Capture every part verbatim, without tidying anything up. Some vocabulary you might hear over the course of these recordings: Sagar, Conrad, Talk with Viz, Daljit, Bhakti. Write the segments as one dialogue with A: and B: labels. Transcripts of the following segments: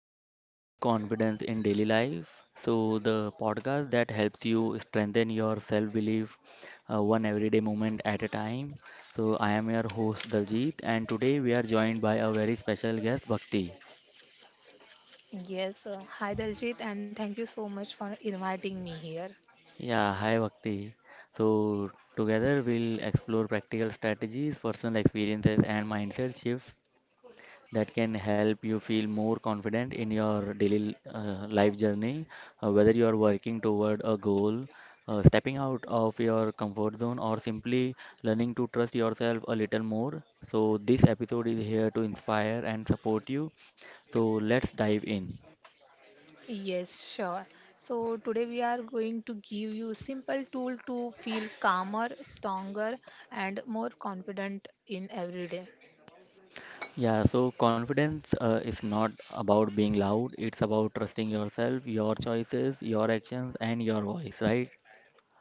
A: to Build Confidence in Daily Life. So, the podcast that helps you strengthen your self belief uh, one everyday moment at a time. So, I am your host Daljit, and today we are joined by a very special guest, Bhakti.
B: Yes, uh, hi Daljit, and thank you so much for inviting me here.
A: Yeah, hi Bhakti. So, together we'll explore practical strategies, personal experiences, and mindset shifts that can help you feel more confident in your daily uh, life journey, uh, whether you are working toward a goal, uh, stepping out of your comfort zone, or simply learning to trust yourself a little more. So, this episode is here to inspire and support you. So, let's dive in.
B: Yes, sure. So today we are going to give you simple tool to feel calmer, stronger, and more confident in every day.
A: Yeah, so confidence uh, is not about being loud, it's about trusting yourself, your choices, your actions, and your voice, right?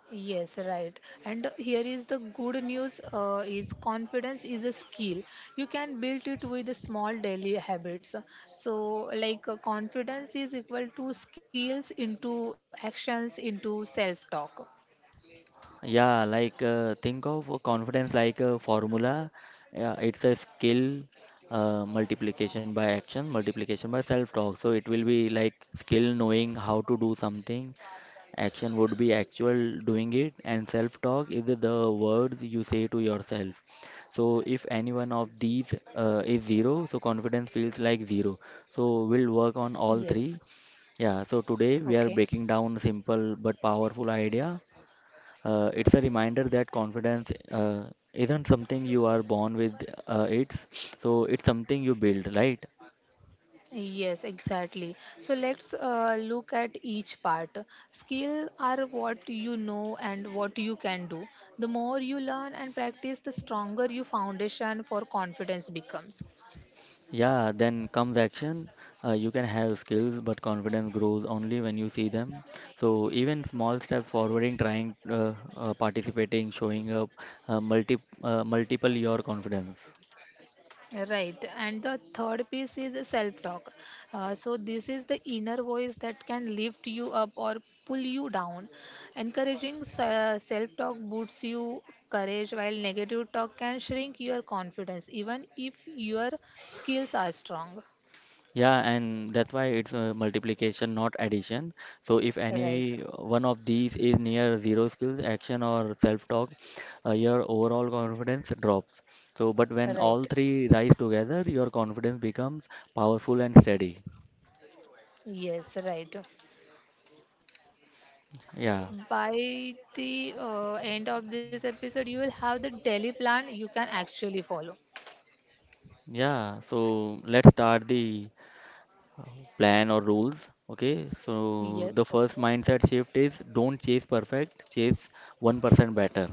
B: Yes, right. And here is the good news, uh, is confidence is a skill. You can build it with the small daily habits. So like, uh, confidence is equal to skills into actions into self talk.
A: Yeah, like uh, think of a confidence like a formula. Yeah, it's a skill uh, multiplication by action, multiplication by self-talk. So it will be like skill knowing how to do something. Action would be actual doing it, and self-talk is the words you say to yourself. So if any one of these uh, is zero, so confidence feels like zero. So we'll work on all
B: Yes.
A: three. Yeah, so today we are
B: Okay.
A: breaking down simple but powerful idea, uh, it's a reminder that confidence uh, isn't something you are born with, uh, it's so it's something you build, right?
B: Yes, exactly. So let's uh, look at each part. Skill are what you know and what you can do. The more you learn and practice, the stronger your foundation for confidence becomes.
A: Yeah, then comes action. Uh, you can have skills, but confidence grows only when you see them. So even small step forwarding, trying, uh, uh, participating, showing up, uh, multi uh, multiple your confidence.
B: Right, and the third piece is self talk. Uh, so, this is the inner voice that can lift you up or pull you down. Encouraging self talk boosts you courage, while negative talk can shrink your confidence, even if your skills are strong.
A: Yeah, and that's why it's a multiplication, not addition. So if
B: Right,
A: any one of these is near zero skills, action or self-talk, uh, your overall confidence drops. So, but when all
B: right.
A: three rise together, your confidence becomes powerful and steady.
B: Yes, right.
A: Yeah,
B: By the uh, end of this episode, you will have the daily plan you can actually follow.
A: yeah. So let's start the uh, plan or rules. Okay, so
B: Yes,
A: the first mindset shift is don't chase perfect, chase one percent better.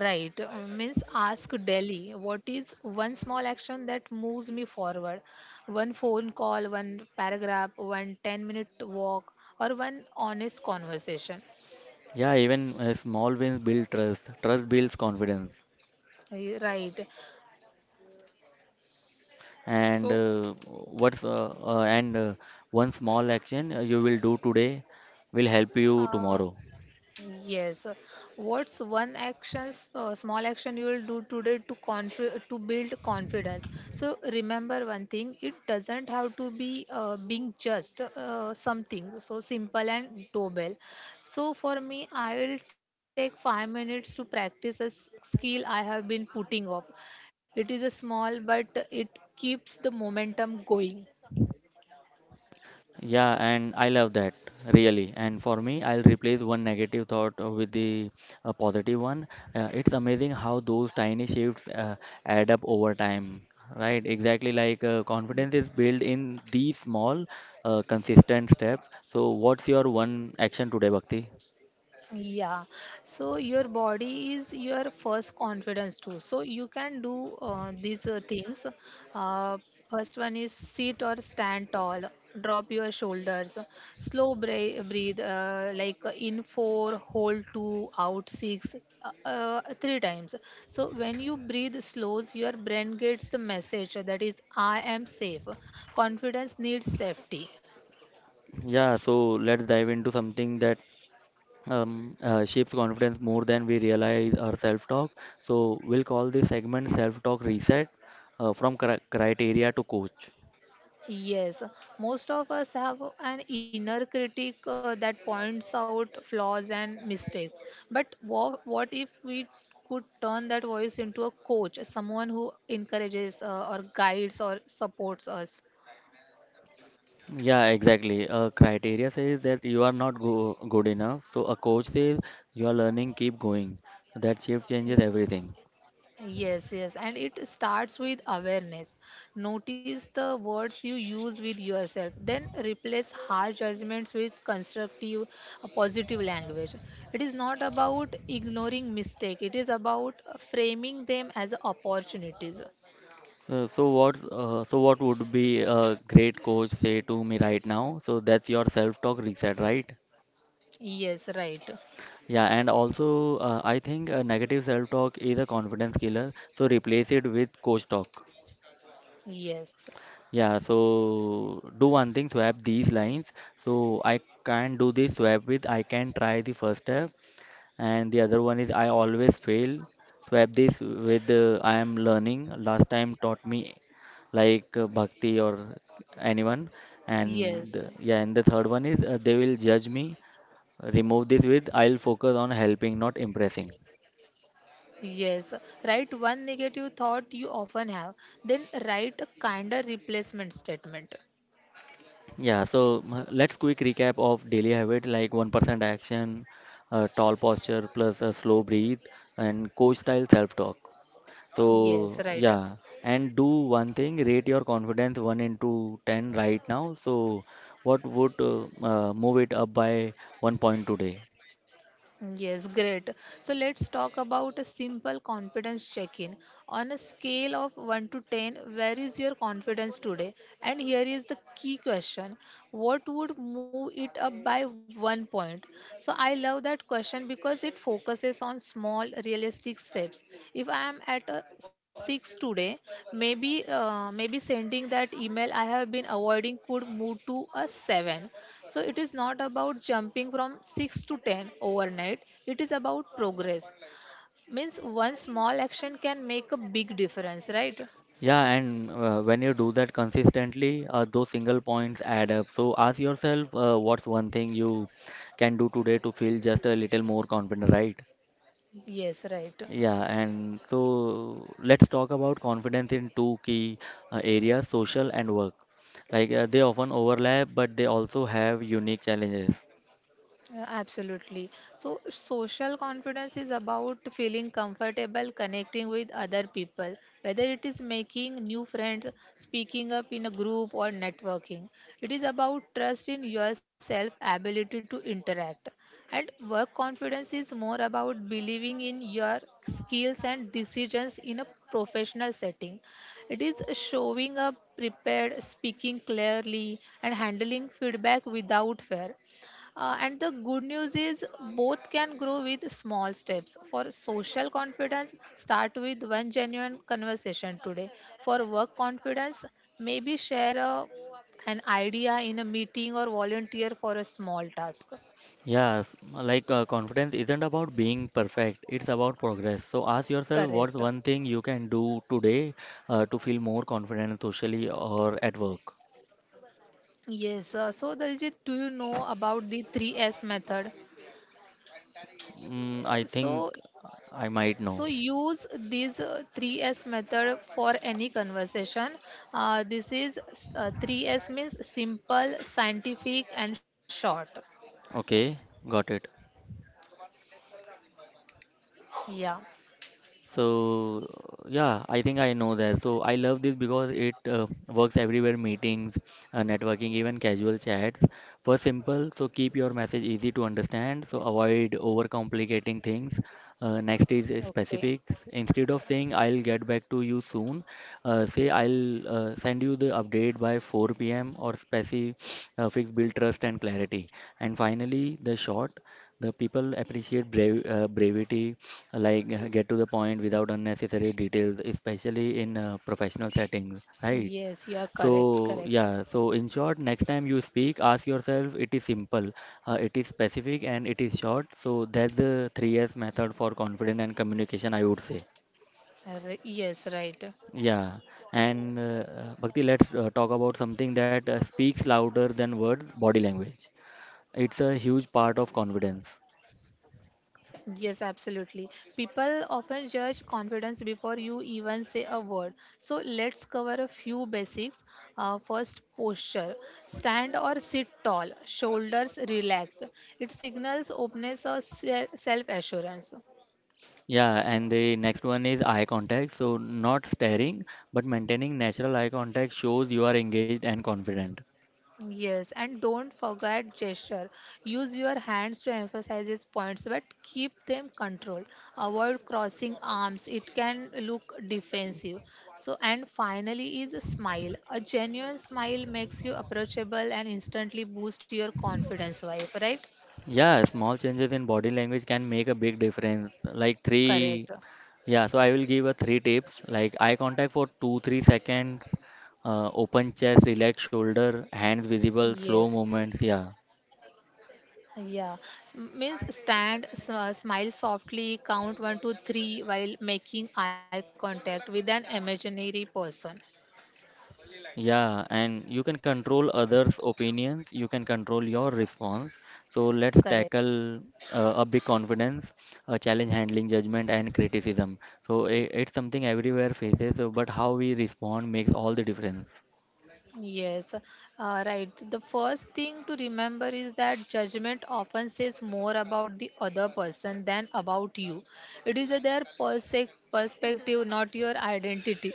B: right. uh, Means ask Delhi, what is one small action that moves me forward? One phone call, one paragraph, one ten minute walk, or one honest conversation.
A: Yeah, even uh, small wins build trust. Trust builds confidence.
B: Eh, Right.
A: And
B: So,
A: uh, what's uh, uh, and uh, One small action uh, you will do today will help you
B: uh,
A: tomorrow.
B: yes. uh, What's one action, uh, small action you will do today to confi- to build confidence? So remember one thing: it doesn't have to be, uh, being just uh, something so simple and doable. So for me, I will take five minutes to practice a s- skill I have been putting off. It is a small, but it keeps the momentum going.
A: Yeah, and I love that really. And for me, I'll replace one negative thought uh, with the a positive one. Uh, it's amazing how those tiny shifts uh, add up over time. Right, exactly like uh, confidence is built in these small, uh, consistent steps. So, what's your one action today, Bhakti?
B: Yeah, so your body is your first confidence too. So you can do uh, these uh, things. Uh, First one is sit or stand tall, drop your shoulders, slow bra- breathe, uh, like uh, in four, hold two, out six, uh, uh, three times. So when you breathe slows, your brain gets the message that is, I am safe. Confidence needs safety.
A: Yeah, so let's dive into something that um, uh, shapes confidence more than we realize our self-talk. So we'll call this segment self-talk reset, uh, from cri- criteria to coach.
B: Yes, most of us have an inner critic uh, that points out flaws and mistakes. But wha- what if we could turn that voice into a coach, someone who encourages, uh, or guides or supports us?
A: Yeah, exactly. Uh, criteria says that you are not go good enough. So a coach says you are learning, keep going. That shift changes everything.
B: Yes, yes, and it starts with awareness. Notice the words you use with yourself, then replace harsh judgments with constructive, uh, positive language. It is not about ignoring mistake, it is about, uh, framing them as opportunities.
A: Uh, so what? Uh, so what would be a great coach say to me right now? So that's your self-talk reset, right?
B: Yes, right.
A: Yeah, and also, uh, I think uh, negative self-talk is a confidence killer, so replace it with coach talk.
B: Yes,
A: Yeah, so do one thing, swap these lines. So I can't do this, swap with I can try the first step, and the other one is I always fail. Swap this with uh, I am learning. Last time taught me like uh, Bhakti or anyone,
B: yes,
A: and uh, yeah, and the third one is uh, they will judge me. Remove this with I'll focus on helping, not impressing.
B: yes. Write one negative thought you often have, then write a kinder replacement statement.
A: Yeah, so m- let's quick recap of daily habit like one percent action, uh, tall posture plus a slow breathe and coach style self-talk. So
B: Yes, right.
A: yeah, and do one thing, rate your confidence one into ten right now. So what would uh, uh, move it up by one point today?
B: Yes, great. So let's talk about a simple confidence check in. On a scale of one to ten, where is your confidence today? And here is the key question: what would move it up by one point? So I love that question because it focuses focuses on small, realistic steps. If I am at a six today, maybe uh, maybe sending that email I have been avoiding could move to a seven. So it is not about jumping from six to ten overnight. It is about progress. Means one small action can make a big difference, right?
A: Yeah, and uh, when you do that consistently, uh, those single points add up. So ask yourself, uh, what's one thing you can do today to feel just a little more confident, right?
B: Yes, right.
A: Yeah, and so let's talk about confidence in two key uh, areas, social and work. Like uh, they often overlap, but they also have unique challenges.
B: Uh, Absolutely. So, social confidence is about feeling comfortable connecting with other people, whether it is making new friends, speaking up in a group, or networking. It is about trust in yourself, ability to interact. And work confidence is more about believing in your skills and decisions in a professional setting. It is showing up prepared, speaking clearly, and handling feedback without fear. Uh, and the good news is both can grow with small steps. For social confidence, start with one genuine conversation today. For work confidence, maybe share a, an idea in a meeting or volunteer for a small task.
A: Yes, like uh, confidence isn't about being perfect, it's about progress. So ask yourself what's
B: Correct.
A: one thing you can do today uh, to feel more confident socially or at work.
B: Yes. Uh, so, Daljit, do you know about the three S method?
A: Mm, I
B: So,
A: think I might
B: So
A: know.
B: use this uh, three S method for any conversation. Uh, this is s- uh, three S means simple, scientific, and short.
A: Okay, got it.
B: Yeah.
A: So yeah, I think I know that. So I love this because it uh, works everywhere, meetings, uh, networking, even casual chats. First, simple, so keep your message easy to understand, so avoid overcomplicating things. Uh, next is uh,
B: Okay.
A: specific. Instead of saying I'll get back to you soon, uh, say I'll uh, send you the update by four p m Or specific uh, fix build trust and clarity. And finally, the short. The people appreciate brave, uh, bravity, like uh, get to the point without unnecessary details, especially in uh, professional settings, right?
B: Yes, you are correct.
A: So,
B: Correct.
A: yeah, so in short, next time you speak, ask yourself it is simple, uh, it is specific, and it is short. So, that's the three S method for confidence and communication, I would say.
B: Re- Yes, right.
A: Yeah, and uh, Bhakti, let's uh, talk about something that uh, speaks louder than words, body language. It's a huge part of confidence.
B: Yes, absolutely. People often judge confidence before you even say a word. So let's cover a few basics. Uh, first, posture. Stand or sit tall, shoulders relaxed. It signals openness or self assurance.
A: Yeah, and the next one is eye contact. So, not staring, but maintaining natural eye contact shows you are engaged and confident.
B: Yes, and don't forget gesture. Use your hands to emphasize these points, but keep them controlled. Avoid crossing arms, it can look defensive. So, and finally, is a smile. A genuine smile makes you approachable and instantly boost your confidence, wife, right?
A: Yeah, small changes in body language can make a big difference. Like
B: Correct.
A: three, yeah, so I will give a three tips like eye contact for two, three seconds, uh, open chest, relaxed shoulder, hands visible, slow
B: Yes.
A: movements. Yeah.
B: Yeah. So, means stand, s- uh, smile softly, count one, two, three while making eye contact with an imaginary person.
A: Yeah, and you can control others' opinions, you can control your response. So let's
B: Correct.
A: tackle uh, a big confidence, a challenge handling judgment and criticism. So I It's something everywhere faces, uh, but how we respond makes all the difference.
B: Yes, uh, right. The first thing to remember is that judgment often says more about the other person than about you. It is their perse- perspective, not your identity.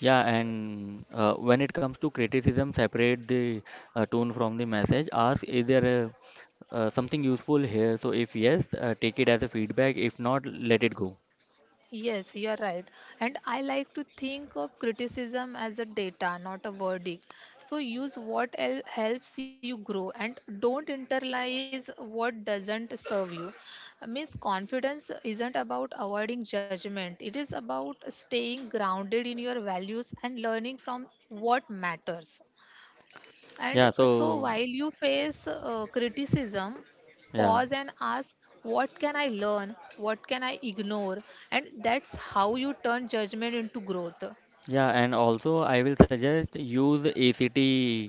A: Yeah, and uh, when it comes to criticism, separate the uh, tone from the message. Ask, is there a, uh, something useful here? So if yes, uh, take it as a feedback. If not, let it go.
B: Yes, you are right. And I like to think of criticism as a data, not a verdict. So use what el- helps you grow and don't internalize what doesn't serve you. Miss confidence isn't about avoiding judgment, it is about staying grounded in your values and learning from what matters.
A: Yeah,
B: And so,
A: so
B: while you face, uh, criticism,
A: yeah.
B: pause and ask, what can I learn? What can I ignore? And that's how you turn judgment into growth.
A: Yeah, and also I will suggest use A C T,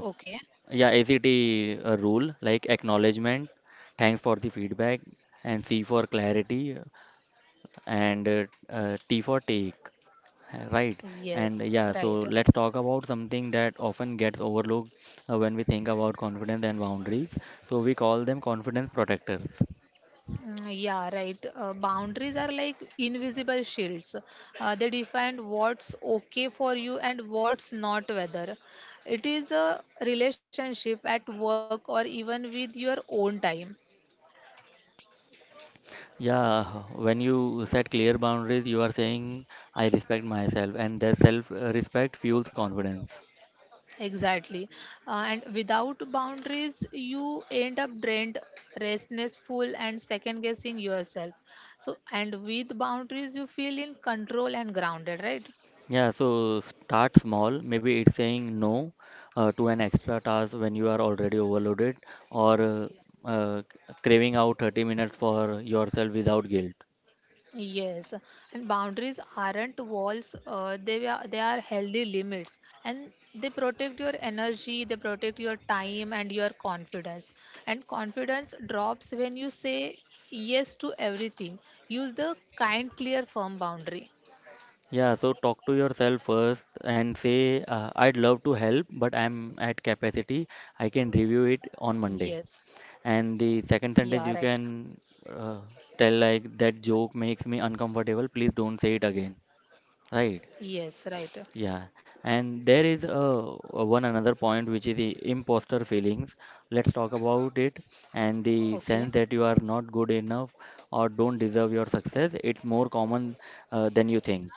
B: Okay.
A: yeah, ACT uh, rule like acknowledgement, thanks for the feedback, and C for clarity, and uh, uh, T for take. Right. And
B: Yes.
A: yeah, so
B: Right.
A: let's talk about something that often gets overlooked uh, when we think about confidence and boundaries. So we call them confidence protectors.
B: Mm, yeah, right. Uh, boundaries are like invisible shields. Uh, they define what's okay for you and what's not, whether it is a relationship at work or even with your own time.
A: Yeah, when you set clear boundaries, you are saying, I respect myself, and that self uh, respect fuels confidence.
B: Exactly. Uh, and without boundaries, you end up drained, restlessful, and second guessing yourself. So, and with boundaries, you feel in control and grounded, right?
A: Yeah, so start small. Maybe it's saying no uh, to an extra task when you are already overloaded, or uh, uh, craving out thirty minutes for yourself without guilt.
B: Yes. And boundaries aren't walls, uh, they, are, they are healthy limits. And they protect your energy, they protect your time, and your confidence. And confidence drops when you say yes to everything. Use the kind, clear, firm boundary.
A: Yeah, so talk to yourself first and say, uh, I'd love to help, but I'm at capacity. I can review it on
B: Yes.
A: Monday. And the second
B: Yeah, right.
A: sentence you can uh, tell like that joke makes me uncomfortable. Please don't say it again. Right?
B: Yes, right.
A: Yeah. And there is a one another point which is the imposter feelings. Let's talk about it. And the
B: Okay.
A: sense that you are not good enough or don't deserve your success. It's more common uh, than you think.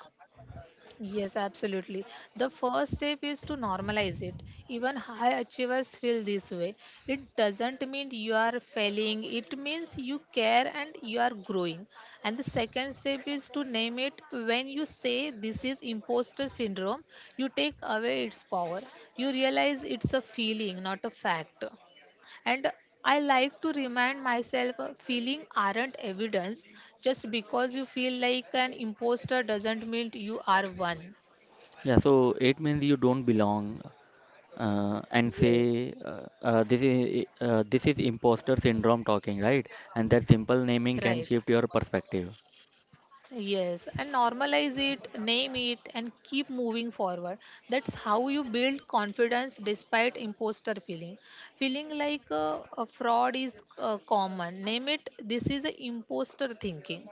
B: Yes, absolutely. The first step is to normalize it. Even high achievers feel this way. It doesn't mean you are failing, it means you care and you are growing. And the second step is to name it, when you say this is imposter syndrome, you take away its power. You realize it's a feeling, not a fact. And I like to remind myself, uh, feeling aren't evidence. Just because you feel like an imposter doesn't mean you are one.
A: Yeah. So it means you don't belong. uh, and
B: Yes,
A: say uh, uh, this is uh, this is imposter syndrome talking, right? And that simple naming
B: right.
A: can shift your perspective.
B: Yes, and normalize it, name it, and keep moving forward. That's how you build confidence despite imposter feeling. Feeling like uh, a fraud is uh, common. Name it, this is a imposter thinking.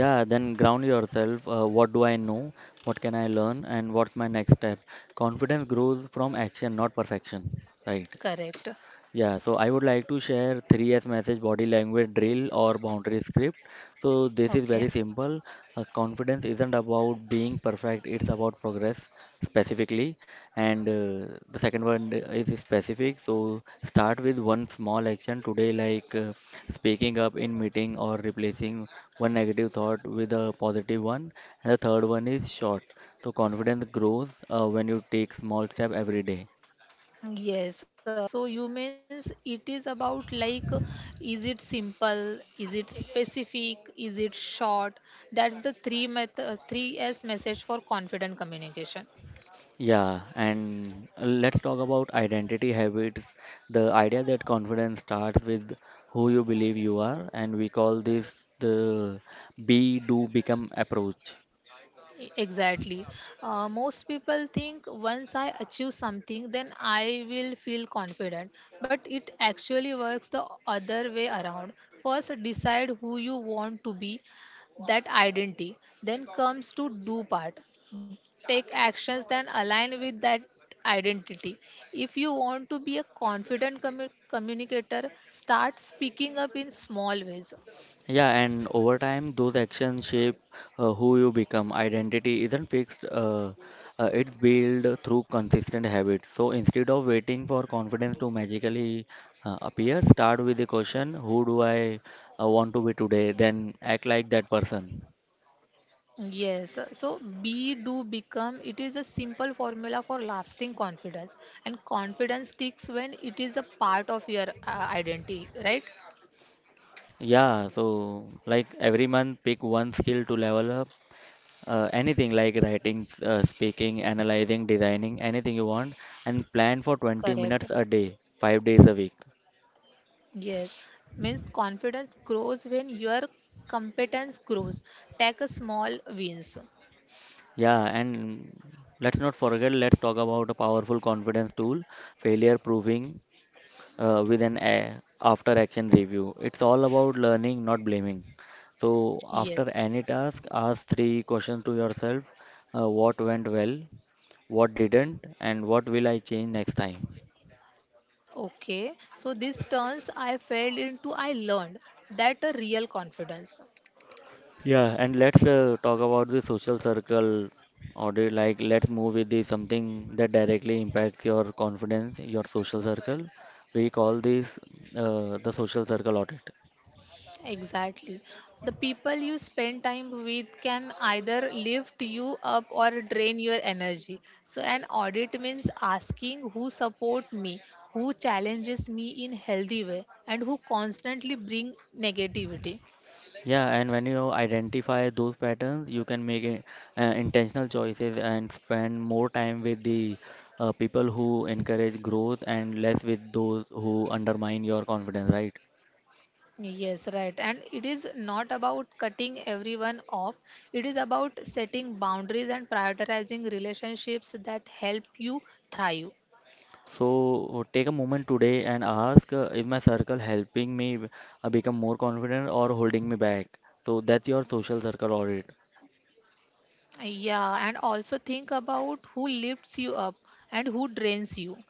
A: Yeah, then ground yourself, uh, what do I know, what can I learn, and what's my next step? Confidence grows from action, not perfection, right?
B: Correct.
A: Yeah, so I would like to share three S message body language drill or boundary script. So this is very
B: Okay.
A: simple. Uh, confidence isn't about being perfect, it's about progress specifically. And uh, the second one is specific. So start with one small action today, like uh, speaking up in meeting or replacing one negative thought with a positive one. And the third one is short. So confidence grows uh, when you take small step every day.
B: Yes, uh, so you means it is about like, uh, is it simple, is it specific, is it short? That's the three meth- uh, three S message for confident communication.
A: Yeah, and uh, let's talk about identity habits. The idea that confidence starts with who you believe you are, and we call this the be do become approach.
B: Exactly. Uh, most people think once I achieve something, then I will feel confident. But it actually works the other way around. First, decide who you want to be, that identity. Then comes to do part. Take actions that align with that identity. If you want to be a confident commu- communicator, start speaking up in small ways.
A: Yeah, and over time, those actions shape uh, who you become. Identity isn't fixed, uh, uh, it's built through consistent habits. So instead of waiting for confidence to magically uh, appear, start with the question, who do I uh, want to be today? Then act like that person.
B: Yes, so be, do, become. It is a simple formula for lasting confidence, and confidence sticks when it is a part of your, uh, identity, right?
A: Yeah, so like every month, pick one skill to level up. Uh, anything like writing, s- uh, speaking, analyzing, designing, anything you want, and plan for twenty
B: Correct.
A: minutes a day, five days a week.
B: Yes, means confidence grows when your competence grows. Take a small wins.
A: Yeah, and let's not forget, let's talk about a powerful confidence tool, failure proving. uh, with an a- after action review. It's all about learning, not blaming. So, after any
B: Yes.
A: task, ask three questions to yourself: uh, what went well, what didn't, and what will I change next time.
B: Okay, so this turns I failed into I learned, that a real confidence.
A: Yeah, and let's uh, talk about the social circle audit. Like, let's move with the something that directly impacts your confidence, your social circle. We call this uh, the social circle audit.
B: Exactly. The people you spend time with can either lift you up or drain your energy. So, an audit means asking who support me, who challenges me in healthy way, and who constantly bring negativity.
A: Yeah, and when you identify those patterns, you can make a, uh, intentional choices and spend more time with the uh, people who encourage growth and less with those who undermine your confidence, right?
B: Yes, right. And it is not about cutting everyone off. It is about setting boundaries and prioritizing relationships that help you thrive.
A: So take a moment today and ask, uh, is my circle helping me uh, become more confident or holding me back? So that's your social circle audit.
B: Yeah, and also think about who lifts you up and who drains you.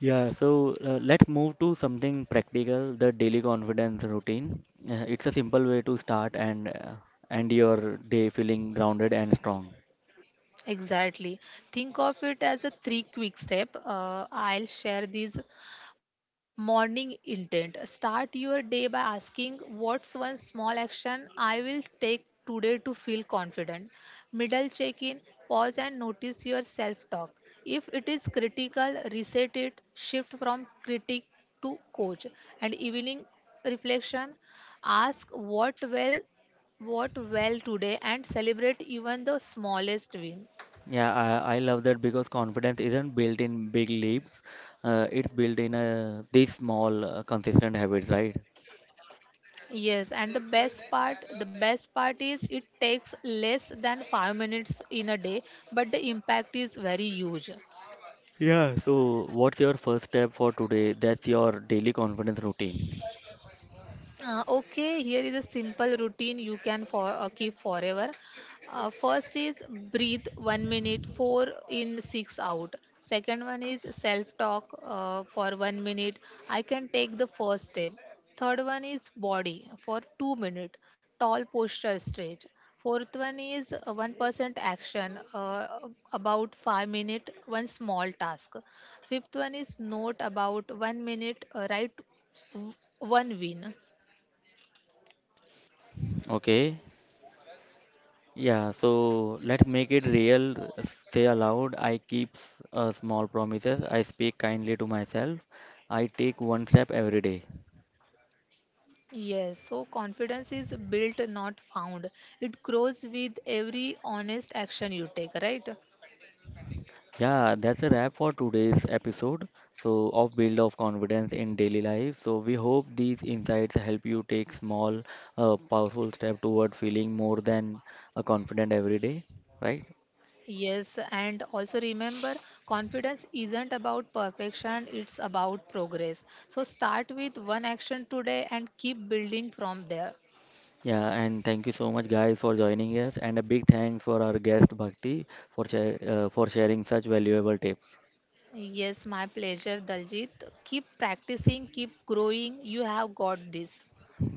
A: Yeah, so uh, let's move to something practical, the daily confidence routine. Uh, it's a simple way to start and uh, end your day feeling grounded and strong.
B: Exactly. Think of it as a three quick step. Uh, I'll share these morning intent. Start your day by asking what's one small action I will take today to feel confident. Middle check in, pause and notice your self talk. If it is critical, reset it, shift from critic to coach. And evening reflection, ask what well what well today and celebrate even the smallest win.
A: Yeah, I, I love that because confidence isn't built in big leaps. Uh, it's built in uh, these small, uh, consistent habits, right?
B: Yes, and the best part, the best part is it takes less than five minutes in a day, but the impact is very huge.
A: Yeah, so what's your first step for today? That's your daily confidence routine.
B: Uh, okay, here is a simple routine you can for, uh, keep forever. Uh, first is breathe one minute, four in, six out. Second one is self talk uh, for one minute. I can take the first step. Third one is body for two minute. Tall posture stretch. Fourth one is uh, one percent action, uh, about five minute, one small task. Fifth one is note about one minute, uh, write w- one win.
A: Okay. Yeah, so let's make it real. Say aloud, I keep s- uh, small promises. I speak kindly to myself. I take one step every day.
B: Yes, so confidence is built, not found. It grows with every honest action you take, right?
A: Yeah, that's a wrap for today's episode. So, of Build of Confidence in Daily Life. So, we hope these insights help you take small, uh, powerful step toward feeling more than a confident every day, right?
B: Yes, and also remember, confidence isn't about perfection, it's about progress. So start with one action today and keep building from there.
A: Yeah, and thank you so much, guys, for joining us. And a big thanks for our guest Bhakti for share uh, for sharing such valuable tips.
B: Yes, my pleasure, Daljit. Keep practicing, keep growing. You have got this.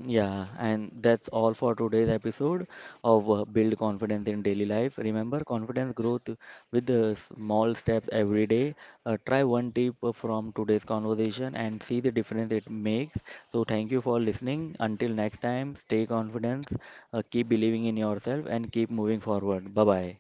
A: Yeah, and that's all for today's episode of uh, Build Confidence in Daily Life. Remember, confidence growth with the small steps every day. Uh, try one tip from today's conversation and see the difference it makes. So, thank you for listening. Until next time, stay confident, uh, keep believing in yourself, and keep moving forward. Bye bye.